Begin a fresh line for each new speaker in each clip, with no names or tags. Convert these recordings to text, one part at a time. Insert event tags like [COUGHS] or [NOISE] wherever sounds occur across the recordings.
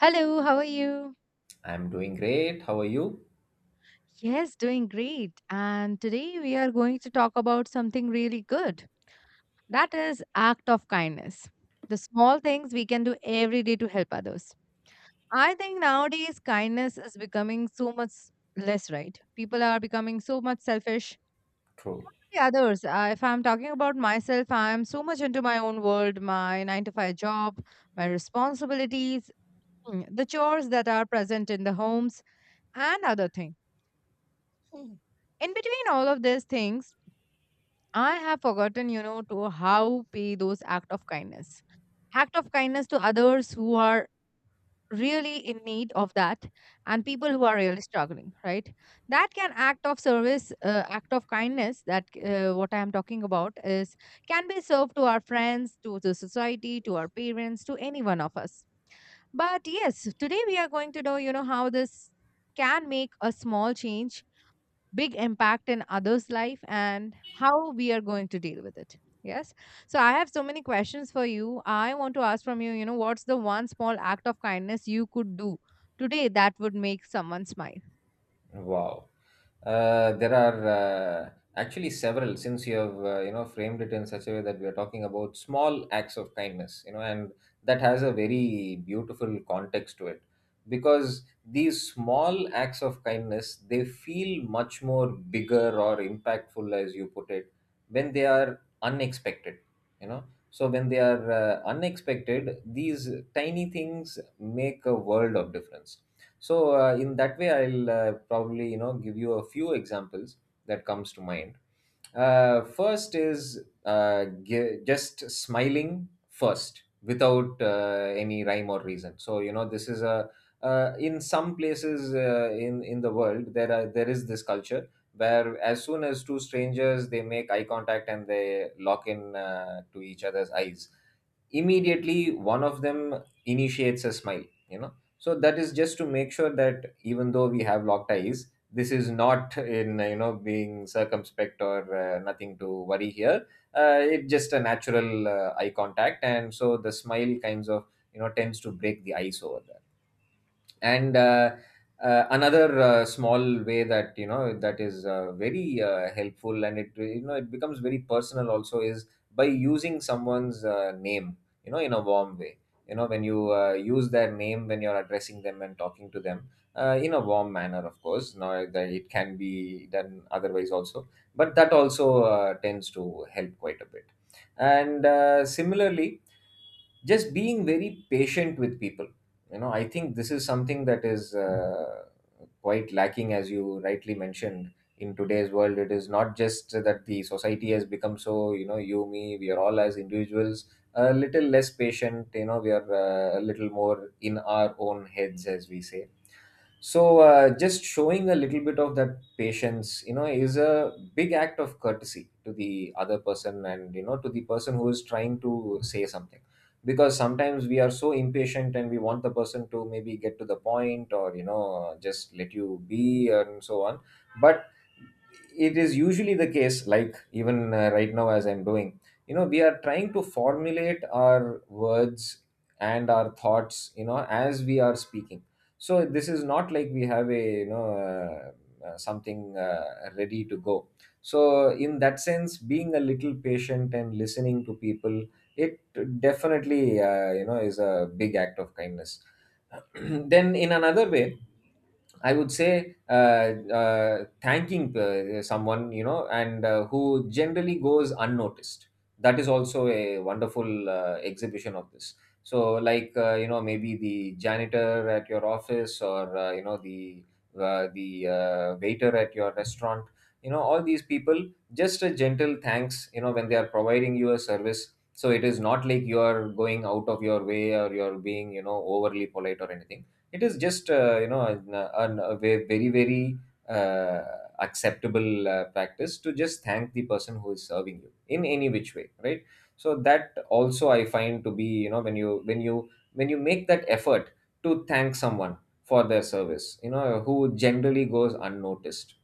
Hello, how are you?
I'm doing great. How are you?
Yes, doing great. And today we are going to talk about something really good. That is act of kindness. The small things we can do every day to help others. I think nowadays kindness is becoming so much less, right. People are becoming so much selfish.
True.
The others, if I'm talking about myself, I am so much into my own world, my 9 to 5 job, my responsibilities, the chores that are present in the homes and other things. Mm. In between all of these things, I have forgotten, you know, to how pay those act of kindness. Act of kindness to others who are really in need of that and people who are really struggling, right? That can act of service, act of kindness that what I am talking about is can be served to our friends, to the society, to our parents, to any one of us. But yes, today we are going to know, you know, how this can make a small change big impact in others life and how we are going to deal with it. Yes, so I have so many questions for you. I want to ask from you, you know, what's the one small act of kindness you could do today that would make someone smile?
Wow. There are actually several since you have you know framed it in such a way that we are talking about small acts of kindness, you know, and that has a very beautiful context to it because these small acts of kindness they feel much more bigger or impactful as you put it when they are unexpected, you know. So when they are unexpected, these tiny things make a world of difference so in that way I'll probably you know give you a few examples that comes to mind. First is just smiling first without any rhyme or reason. So you know this is a in some places in the world there is this culture where as soon as two strangers they make eye contact and they lock in to each other's eyes, immediately one of them initiates a smile, you know, so that is just to make sure that even though we have locked eyes, this is not in you know being circumspect or nothing to worry here. It's just a natural eye contact and so the smile kinds of you know tends to break the ice over there. And Another small way that you know that is very helpful and it you know it becomes very personal also is by using someone's name, you know, in a warm way, you know, when you use their name when you're addressing them and talking to them in a warm manner. Of course now that it can be done otherwise also, but that also tends to help quite a bit. And similarly, just being very patient with people. You know, I think this is something that is quite lacking, as you rightly mentioned, in today's world. It is not just that the society has become so, you know, you, me, we are all as individuals a little less patient. You know, we are a little more in our own heads, as we say. So just showing a little bit of that patience, you know, is a big act of courtesy to the other person, and you know, to the person who is trying to say something. Because sometimes we are so impatient and we want the person to maybe get to the point or you know just let you be and so on. But it is usually the case, like even right now as I'm doing, you know, we are trying to formulate our words and our thoughts, you know, as we are speaking. So this is not like we have a you know something ready to go. So in that sense, being a little patient and listening to people, it definitely you know is a big act of kindness. [CLEARS THROAT] Then in another way, I would say thanking someone, you know, and who generally goes unnoticed. That is also a wonderful exhibition of this. So, like you know, maybe the janitor at your office, or you know, the waiter at your restaurant. You know, all these people, just a gentle thanks. You know, when they are providing you a service, so it is not like you are going out of your way or you are being you know overly polite or anything. It is just you know very very uh, acceptable practice to just thank the person who is serving you in any which way, right? So that also I find to be, you know, when you when you make that effort to thank someone for their service, you know, who generally goes unnoticed,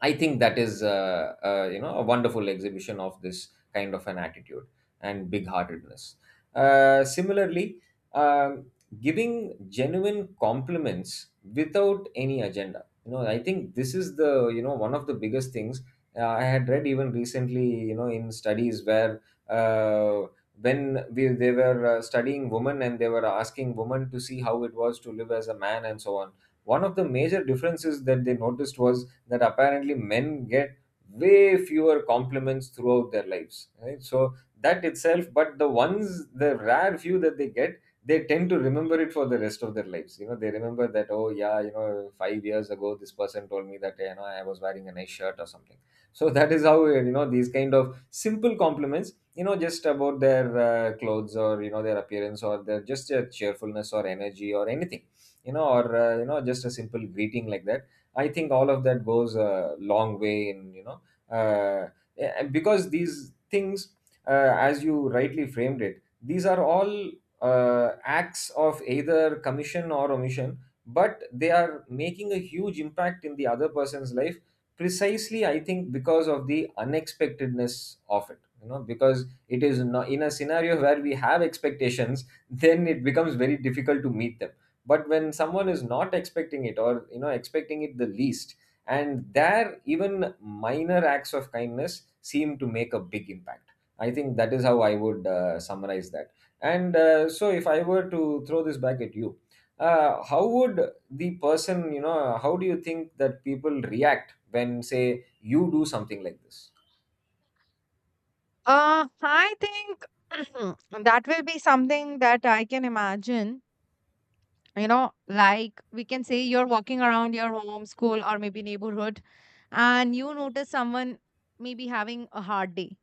I think that is you know a wonderful exhibition of this kind of an attitude and big-heartedness. Similarly, um, giving genuine compliments without any agenda. You know, I think this is the you know one of the biggest things I had read even recently. You know, in studies where uh, they were studying women and they were asking women to see how it was to live as a man and so on. One of the major differences that they noticed was that apparently men get way fewer compliments throughout their lives, right? So that itself, but the ones, the rare few that they get, they tend to remember it for the rest of their lives. You know, they remember that, oh yeah, you know, 5 years ago this person told me that you know I was wearing a nice shirt or something. So that is how you know these kind of simple compliments, you know, just about their clothes or you know their appearance or their just their cheerfulness or energy or anything, you know, or you know just a simple greeting like that. I think all of that goes a long way in you know uh, because these things, as you rightly framed it, these are all acts of either commission or omission, but they are making a huge impact in the other person's life, precisely I think because of the unexpectedness of it. You know, because it is not in a scenario where we have expectations. [LAUGHS] Then it becomes very difficult to meet them, but when someone is not expecting it, or you know expecting it the least, and there even minor acts of kindness seem to make a big impact. I think that is how I would summarize that. And so if I were to throw this back at you, how would the person, you know, how do you think that people react when say you do something like this?
I think [CLEARS THROAT] that will be something that I can imagine. You know, like we can say you're walking around your home, school, or maybe neighborhood, and you notice someone maybe having a hard day.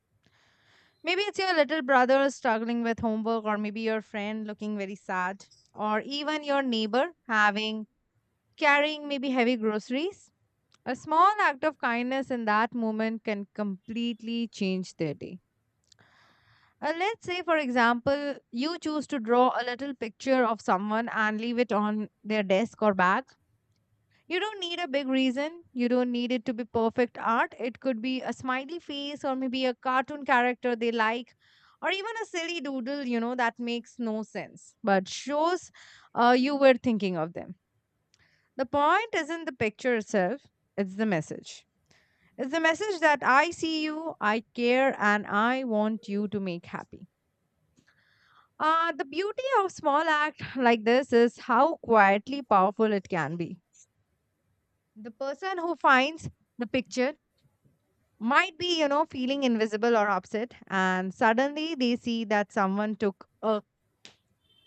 Maybe it's your little brother struggling with homework, or maybe your friend looking very sad, or even your neighbor having carrying maybe heavy groceries. A small act of kindness in that moment can completely change their day. Let's say, for example, you choose to draw a little picture of someone and leave it on their desk or bag. You don't need a big reason. You don't need it to be perfect art. It could be a smiley face or maybe a cartoon character they like, or even a silly doodle, you know, that makes no sense but shows you were thinking of them. The point isn't the picture itself, it's the message. It's the message that I see you, I care, and I want you to make happy. The beauty of small act [LAUGHS] like this is how quietly powerful it can be. The person who finds the picture might be, you know, feeling invisible or upset, and suddenly they see that someone took a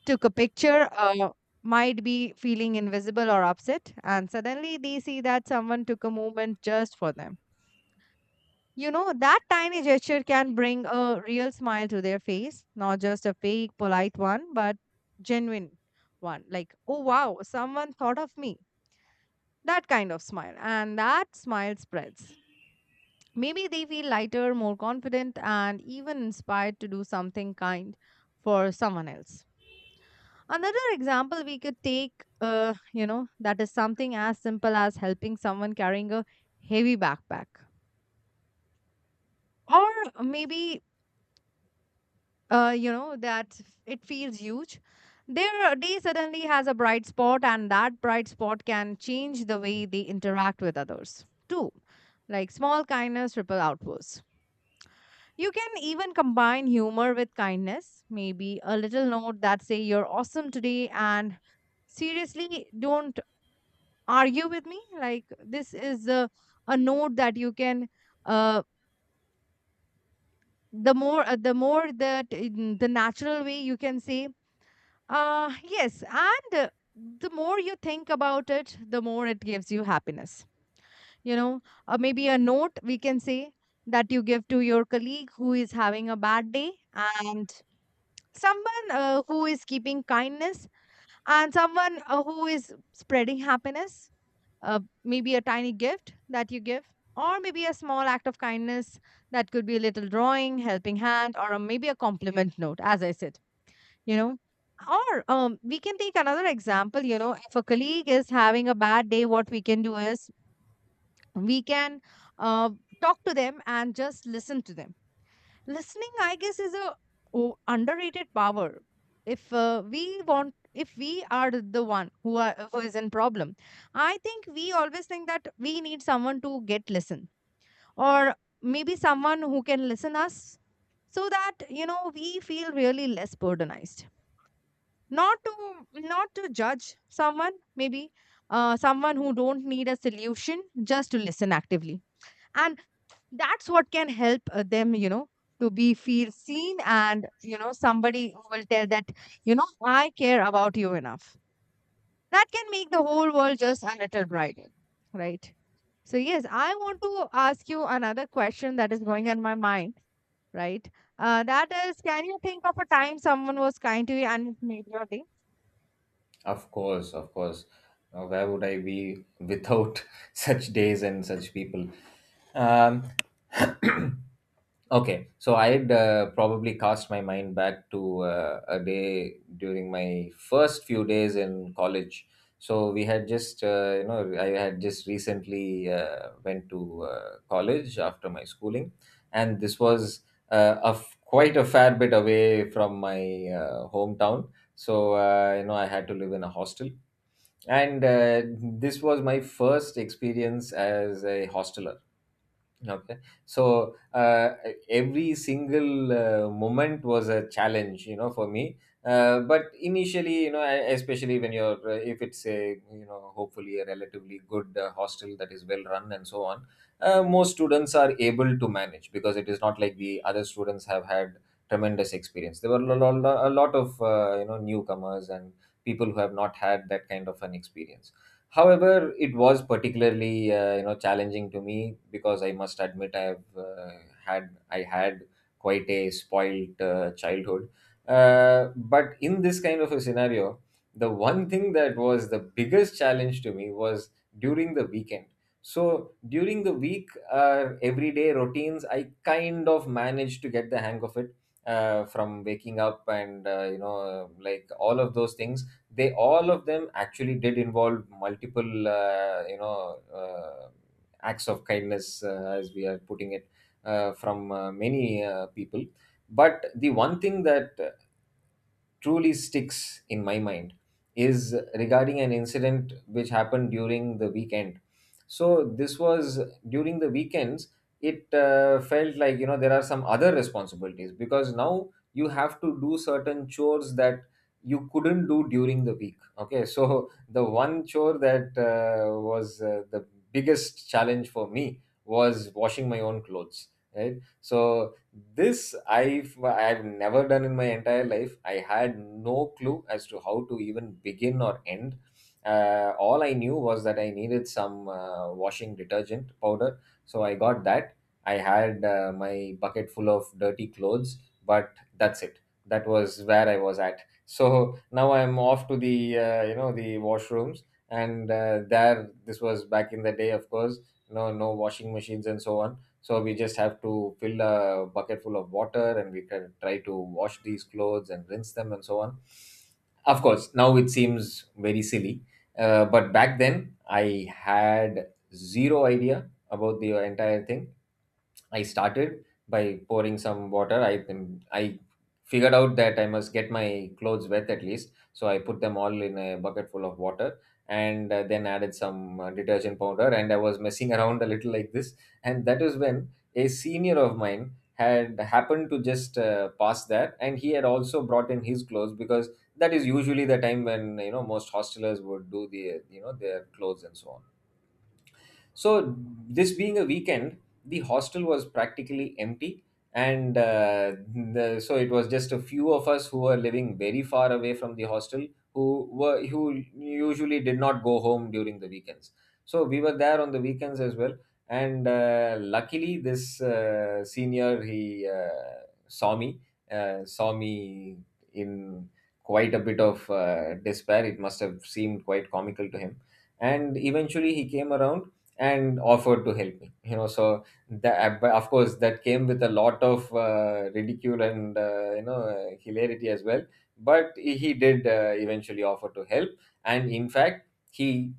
took a picture. Might be feeling invisible or upset, and suddenly they see that someone took a moment just for them. You know, that tiny gesture can bring a real smile to their face, not just a fake, polite one, but genuine one. Like, oh wow, someone thought of me. That kind of smile, and that smile spreads. Maybe they feel lighter, more confident, and even inspired to do something kind for someone else. Another example we could take, you know, that is something as simple as helping someone carrying a heavy backpack. Or maybe, you know, that it feels huge. Their day suddenly has a bright spot, and that bright spot can change the way they interact with others. Two, like small kindness ripple outwards. You can even combine humor with kindness, maybe a little note that say you're awesome today and seriously don't argue with me. Like this is a note that you can uh the more that in the natural way you can say yes, and the more you think about it the more it gives you happiness. You know, maybe a note we can say that you give to your colleague who is having a bad day, and someone who is keeping kindness, and someone who is spreading happiness. Maybe a tiny gift that you give, or maybe a small act of kindness that could be a little drawing, helping hand, or a, maybe a compliment note as I said, you know. Or we can take another example. You know, if a colleague is having a bad day, what we can do is we can uh, talk to them and just listen to them. Listening, I guess, is a underrated power. If we want if we are the one who are who is in problem, I think we always think that we need someone to get listen, or maybe someone who can listen us, so that you know we feel really less burdenized. Not to not to judge someone, maybe someone who don't need a solution, just to listen actively, and that's what can help them, you know, to be feel seen, and you know somebody who will tell that you know I care about you enough, that can make the whole world just a little brighter, right? So yes, I want to ask you another question that is going on my mind, right? That is, can you think of a time someone was kind to you and it made your day?
Of course, of course. Where would I be without [LAUGHS] such days and such people? Um, [COUGHS] [CLEARS THROAT] Okay, so I'd probably cast my mind back to a day during my first few days in college. So we had just, you know, I had just recently went to college after my schooling, and this was quite a fair bit away from my hometown. So you know, I had to live in a hostel, and this was my first experience as a hosteler. Okay. So every single moment was a challenge, you know, for me. But initially, you know, especially when you're, if it's a, you know, hopefully a relatively good hostel that is well run and so on, most students are able to manage because it is not like the other students have had tremendous experience. There were a lot of, you know, newcomers and people who have not had that kind of an experience. However, it was particularly you know challenging to me because I must admit I had quite a spoiled childhood. But in this kind of a scenario, the one thing that was the biggest challenge to me was during the weekend. So during the week, everyday routines, I kind of managed to get the hang of it from waking up and you know like all of those things. They All of them actually did involve multiple you know acts of kindness, as we are putting it, from many people. But the one thing that truly sticks in my mind is regarding an incident which happened during the weekend. So this was during the weekends. It felt like you know there are some other responsibilities because now you have to do certain chores that you couldn't do during the week. Okay, [LAUGHS] so the one chore that was the biggest challenge for me was washing my own clothes. Right, so this I've never done in my entire life. I had no clue as to how to even begin or end. All I knew was that I needed some washing detergent powder, so I got that. I had my bucket full of dirty clothes, but that's it. That was where I was at. [LAUGHS] So now I'm off to the you know the washrooms, and there this was back in the day, of course. No, no washing machines and so on. So we just have to fill a bucket full of water and we can try to wash these clothes and rinse them and so on. Of course now it seems very silly, but back then I had zero idea about the entire thing. I started by pouring some water. I figured out that I must get my clothes wet at least, so I put them all in a bucket full of water and then added some detergent powder. And I was messing [LAUGHS] around a little like this, and that is when a senior of mine had happened to just pass that, and he had also brought in his clothes because that is usually the time when, you know, most hostelers would do the, you know, their clothes and so on. So, this being a weekend, the hostel was practically empty, and so it was just a few of us who were living very far away from the hostel who usually did not go home during the weekends. So we were there on the weekends as well, and luckily this senior, he saw me in quite a bit of despair. It must have seemed quite comical to him, and eventually he came around and offered to help me, you know, so that. But of course that came with a lot of ridicule and hilarity as well. But he did eventually offer to help. And in fact he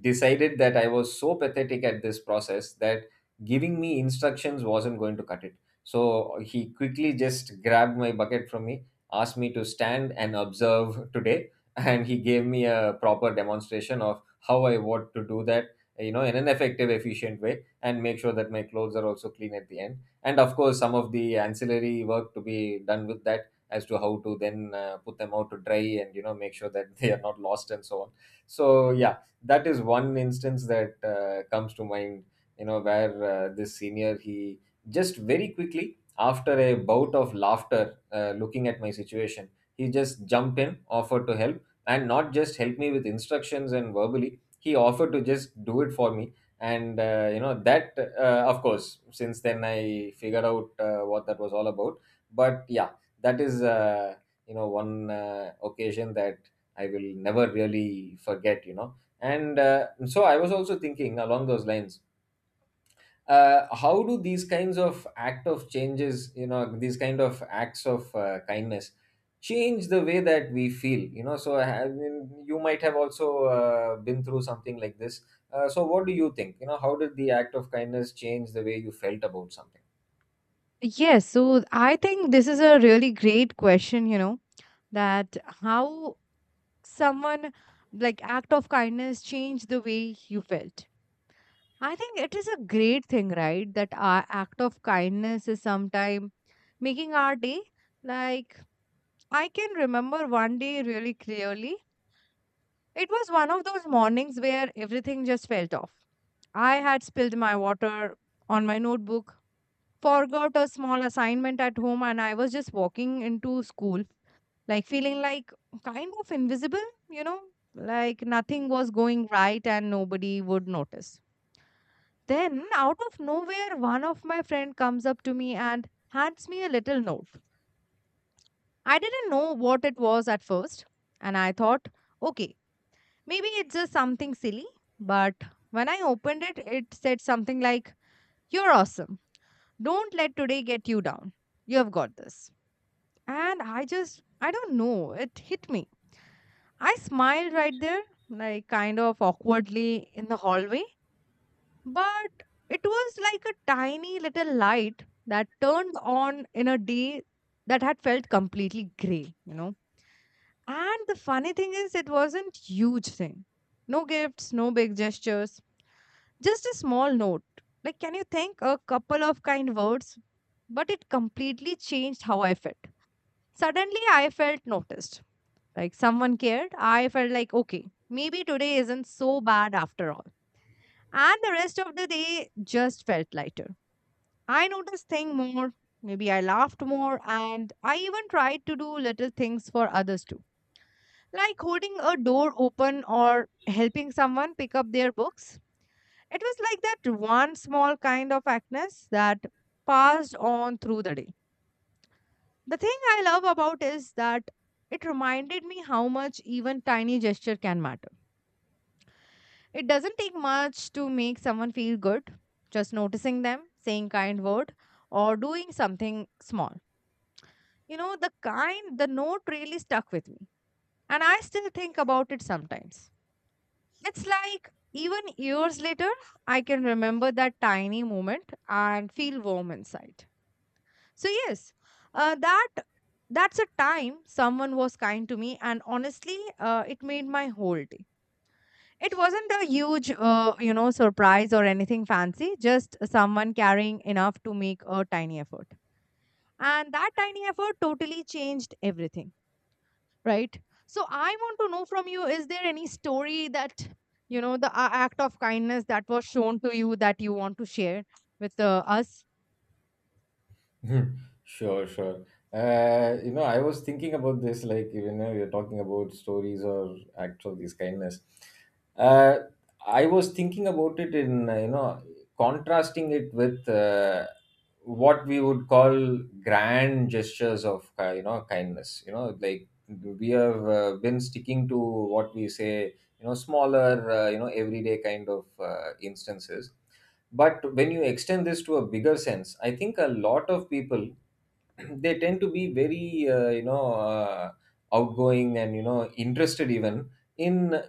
decided that I was so pathetic at this process that giving me instructions wasn't going to cut it, so he quickly just grabbed my bucket from me, asked me to stand and observe today, [LAUGHS] and he gave me a proper demonstration of how I want to do that, you know, in an effective, efficient way, and make sure that my clothes are also clean at the end, and of course some of the ancillary work to be done with that as to how to then put them out to dry and, you know, make sure that [LAUGHS] they are not lost and so on. So yeah, that is one instance that comes to mind, you know, where this senior, he just very quickly, after a bout of laughter looking at my situation, he just jumped in, offered to help, and not just help me with instructions and verbally, he offered to just do it for me. And you know, that of course since then I figured out what that was all about. But yeah, that is you know, one occasion that I will never really forget, you know. And so I was also thinking along those lines, how do these kinds of act of changes, you know, these kind of acts of kindness change the way that we feel, you know? So I mean, you might have also been through something like this. So what do you think, you know, how did the act of kindness change the way you felt about something?
Yes, so I think this is a really great question, you know, that how someone, like, act of kindness changed the way you felt. I think it is a great thing, right, that our act of kindness is sometime making our day. Like, I can remember one day really clearly. It was one of those mornings where everything just felt off. I had spilled my water on my notebook, forgot a small assignment at home, and I was just walking into school, like feeling like kind of invisible, you know, like nothing was going right and nobody would notice. Then, out of nowhere, one of my friend comes up to me and hands me a little note. I didn't know what it was at first, and I thought, okay, maybe it's just something silly. But when I opened it, it said something like, you're awesome. Don't let today get you down. You have got this. And I just, I don't know, it hit me. I smiled right there, like kind of awkwardly in the hallway, but it was like a tiny little light that turned on in a day that had felt completely gray, you know. And the funny thing is, it wasn't huge thing. No gifts, no big gestures, just a small note. Like, can you think a couple of kind words? But it completely changed how I felt. Suddenly, I felt noticed, like someone cared. I felt like, okay, maybe today isn't so bad after all. And the rest of the day just felt lighter. I noticed things more. Maybe I laughed more. And I even tried to do little things for others too, like holding a door open or helping someone pick up their books. It was like that one small kind of actness that passed on through the day. The thing I love about is that it reminded me how much even tiny gesture can matter. It doesn't take much to make someone feel good. Just noticing them, saying kind word, or doing something small. You know, the kind, the note really stuck with me. And I still think about it sometimes. It's like even years later, I can remember that tiny moment and feel warm inside. So yes, uh, that that's a time someone was kind to me, and honestly, it made my whole day. It wasn't a huge, you know, surprise or anything fancy, just someone caring enough to make a tiny effort. And that tiny effort totally changed everything, right? So I want to know from you, is there any story that, you know, the act of kindness that was shown to you that you want to share with us?
Hmm. Sure, sure. You know, I was thinking about this, like, you know, you're talking about stories or acts of this kindness. Uh, I was thinking about it in, you know, contrasting it with what we would call grand gestures of, you know, kindness. You know, like we have been sticking to what we say, you know, smaller, you know, everyday kind of instances. But when you extend this to a bigger sense, I think a lot of people [CLEARS THROAT] they tend to be very outgoing, and you know, interested even in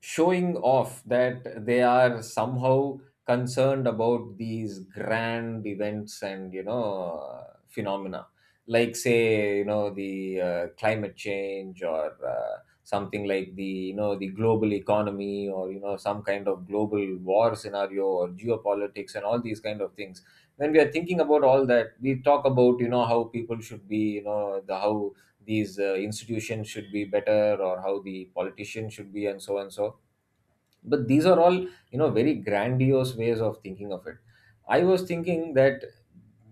showing off that they are somehow concerned about these grand events and, you know, phenomena. Like, say, you know, the climate change, or something like the, you know, the global economy, or, you know, some kind of global war scenario or geopolitics, and all these kind of things. When we are thinking about all that, we talk about, you know, how people should be, you know, the how these institutions should be better, or how the politicians should be, and so and so. But these are all, you know, very grandiose ways of thinking of it. I was thinking that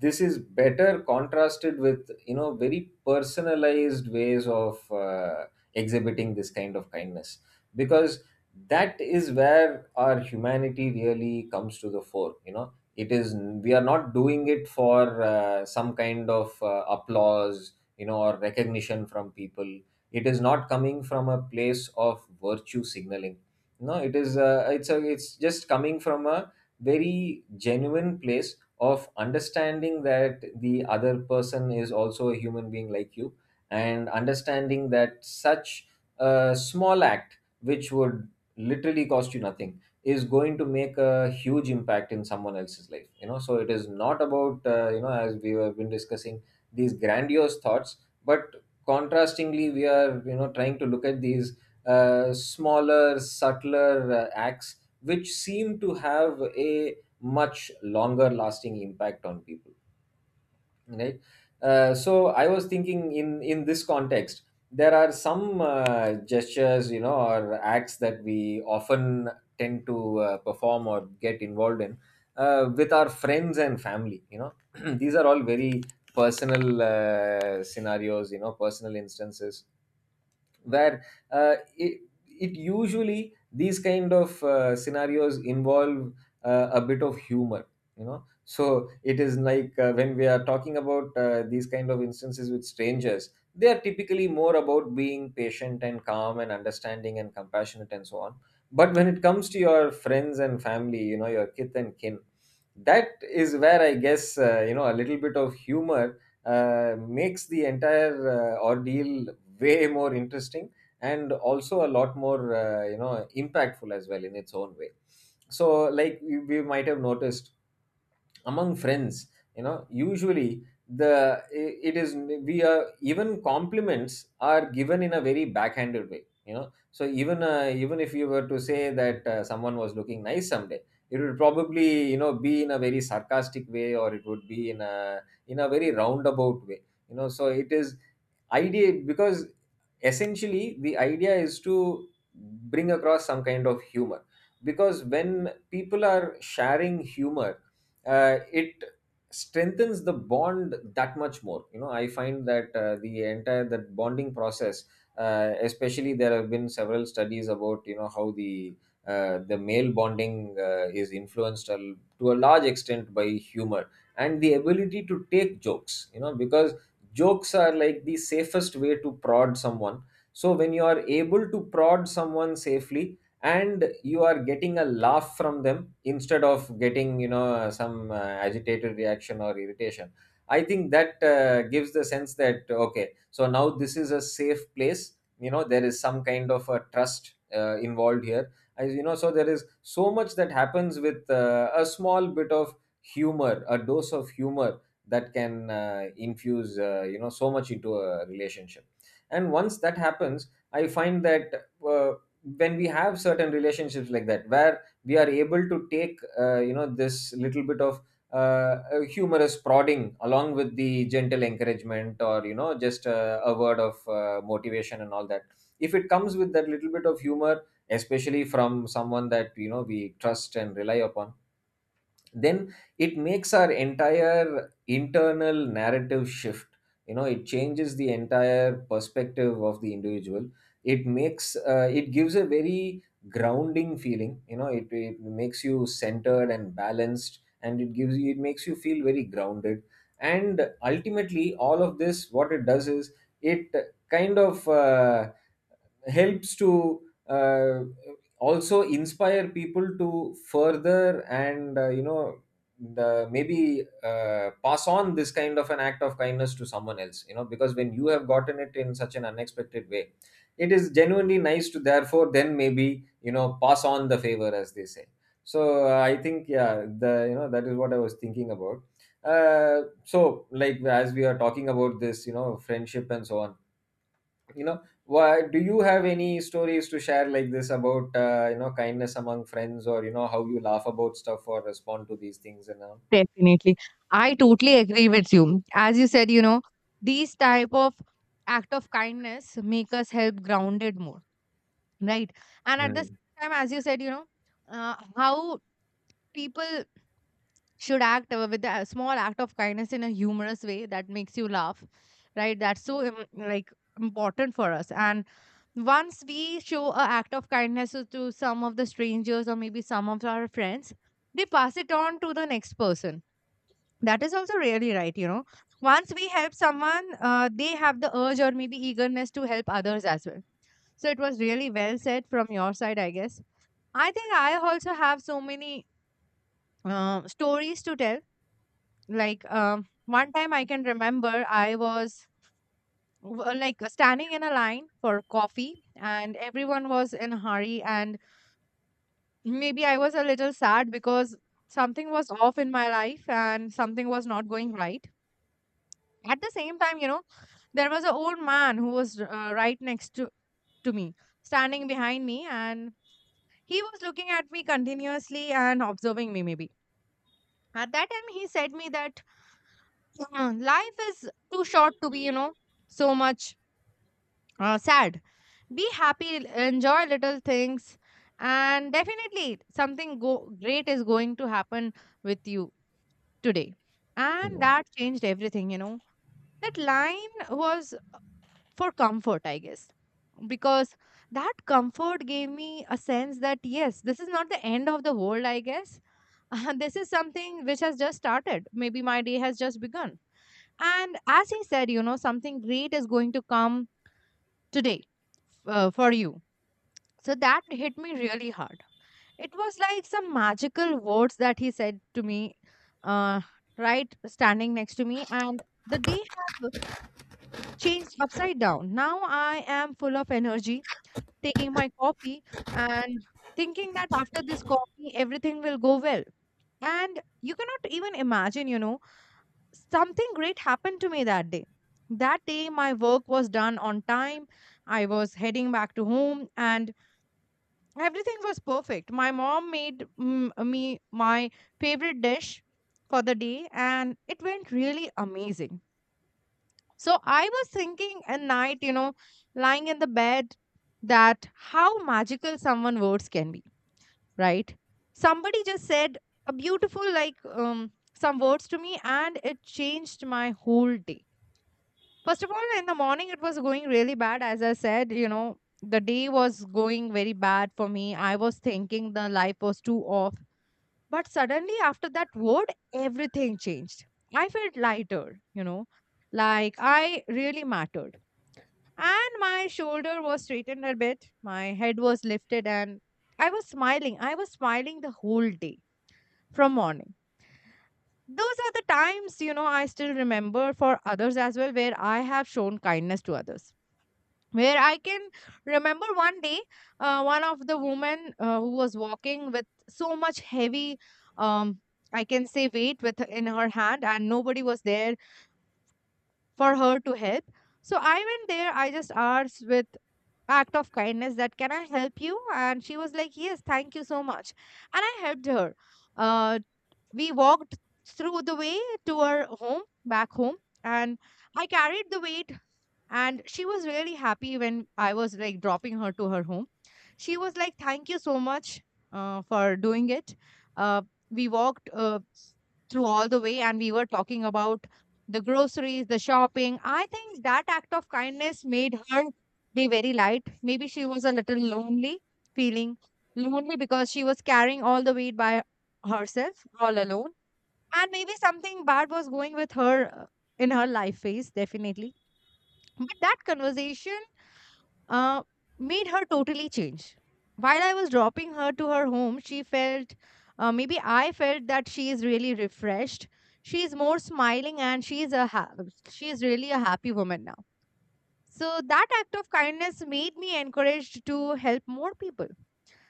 this is better contrasted with, you know, very personalized ways of exhibiting this kind of kindness, because that is where our humanity really comes to the fore. You know, it is, we are not doing it for some kind of applause, you know, or recognition from people. It is not coming from a place of virtue signaling. No, it is it's just coming from a very genuine place of understanding that the other person is also a human being like you, and understanding that such a small act, which would literally cost you nothing, is going to make a huge impact in someone else's life. You know, so it is not about, you know, as we have been discussing, these grandiose thoughts, but contrastingly, we are, you know, trying to look at these smaller, subtler acts which seem to have a much longer lasting impact on people, right? So I was thinking, in this context, there are some gestures, you know, or acts that we often tend to perform or get involved in with our friends and family. You know, [CLEARS THROAT] these are all very personal scenarios, you know, personal instances that uh, it, it usually these kind of scenarios involve a bit of humor. You know, so it is like, when we are talking about these kind of instances with strangers, they are typically more about being patient and calm and understanding and compassionate and so on. But when it comes to your friends and family, you know, your kith and kin, that is where I guess, you know, a little bit of humor makes the entire ordeal way more interesting, and also a lot more, you know, impactful as well in its own way. So like you might have noticed among friends, you know, usually the it is we are even compliments are given in a very backhanded way, you know. So even if you were to say that someone was looking nice someday, it would probably, you know, be in a very sarcastic way, or it would be in a, in a very roundabout way, you know. So it is idea, because essentially the idea is to bring across some kind of humor, because when people are sharing humor, it strengthens the bond that much more. You know, I find that the entire that bonding process, especially, there have been several studies about, you know, how the male bonding is influenced to a large extent by humor, and the ability to take jokes. You know, because jokes are like the safest way to prod someone. So when you are able to prod someone safely, and you are getting a laugh from them, instead of getting, you know, some agitated reaction or irritation, I think that gives the sense that, okay, so now this is a safe place, you know, there is some kind of a trust involved here. As you know, so there is so much that happens with a small bit of humor, a dose of humor, that can infuse you know, so much into a relationship. And once that happens, I find that uh, when we have certain relationships like that, where we are able to take, you know, this little bit of a humorous prodding, along with the gentle encouragement, or, you know, just a word of motivation and all that, if it comes with that little bit of humor, especially from someone that, you know, we trust and rely upon, then it makes our entire internal narrative shift. You know, it changes the entire perspective of the individual. It makes it gives a very grounding feeling. You know, it makes you centered and balanced, and it gives you, it makes you feel very grounded. And ultimately, all of this, what it does is, it kind of helps to uh, also inspire people to further, and, you know, the maybe pass on this kind of an act of kindness to someone else. You know, because when you have gotten it in such an unexpected way, it is genuinely nice to therefore then maybe, you know, pass on the favor, as they say. So I think, yeah, the, you know, that is what I was thinking about. So like as we are talking about this, you know, friendship and so on, you know, why do you have any stories to share like this about, you know, kindness among friends, or, you know, how you laugh about stuff or respond to these things and all?
Definitely. I totally agree with you. As you said, you know, these type of act of kindness make us help grounded more, right? And at the
Hmm.
same time, as you said, you know, how people should act with a small act of kindness in a humorous way that makes you laugh, right? That's so like important for us. And once we show a act of kindness to some of the strangers or maybe some of our friends, they pass it on to the next person. That is also really right, you know, once we help someone, they have the urge or maybe eagerness to help others as well. So it was really well said from your side, I guess. I think I also have so many stories to tell. Like, one time I can remember, I was like standing in a line for coffee, and everyone was in a hurry. And maybe I was a little sad because something was off in my life and something was not going right. At the same time, you know, there was an old man who was right next to me, standing behind me, and he was looking at me continuously and observing me, maybe. At that time, he said me that, life is too short to be, you know, so much sad. Be happy, enjoy little things, and definitely great is going to happen with you today. And
Wow.
that changed everything, you know." That line was for comfort, I guess, because that comfort gave me a sense that yes, this is not the end of the world, I guess [LAUGHS] this is something which has just started. Maybe my day has just begun. And as he said, you know, something great is going to come today for you. So that hit me really hard. It was like some magical words that he said to me, uh, right standing next to me. And the day have changed upside down. Now I am full of energy, taking my coffee and thinking that after this coffee, everything will go well. And you cannot even imagine, you know, something great happened to me that day. That day, my work was done on time. I was heading back to home and everything was perfect. My mom made me my favorite dish for the day and it went really amazing. So I was thinking at night, you know, lying in the bed, that how magical someone words can be, right? Somebody just said a beautiful, like, some words to me and it changed my whole day. First of all, in the morning, it was going really bad. As I said, you know, the day was going very bad for me. I was thinking the life was too off. But suddenly, after that word, everything changed. I felt lighter, you know, like I really mattered. And my shoulder was straightened a bit, my head was lifted, and I was smiling. I was smiling the whole day from morning. Those are the times, you know, I still remember for others as well, where I have shown kindness to others, where I can remember one day, one of the women who was walking with so much heavy, um, I can say, weight with in her hand, and nobody was there for her to help. So I went there. I just asked with act of kindness that can I help you, and she was like, yes, thank you so much, and I helped her. Uh, we walked through the way to her home, back home, and I carried the weight, and she was really happy. When I was like dropping her to her home, she was like, thank you so much for doing it. Uh, we walked uh, through all the way and we were talking about the groceries, the shopping. I think that act of kindness made her day very light. Maybe she was a little lonely, feeling lonely because she was carrying all the weight by herself, all alone, and maybe something bad was going with her in her life phase, definitely. But that conversation uh, made her totally change. While I was dropping her to her home, she felt, maybe I felt that she is really refreshed. She is more smiling, and she is really a happy woman now. So that act of kindness made me encouraged to help more people.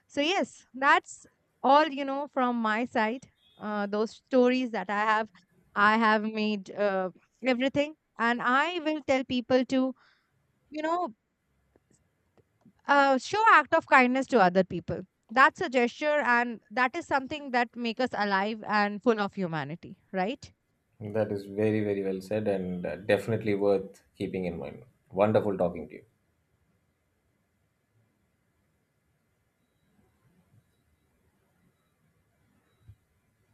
So yes, that's all, you know, from my side. Those stories that I have made everything, and I will tell people to, you know, show act of kindness to other people. That's a gesture and that is something that make us alive and full of humanity, right?
That is very, very well said, and definitely worth keeping in mind. Wonderful talking to you.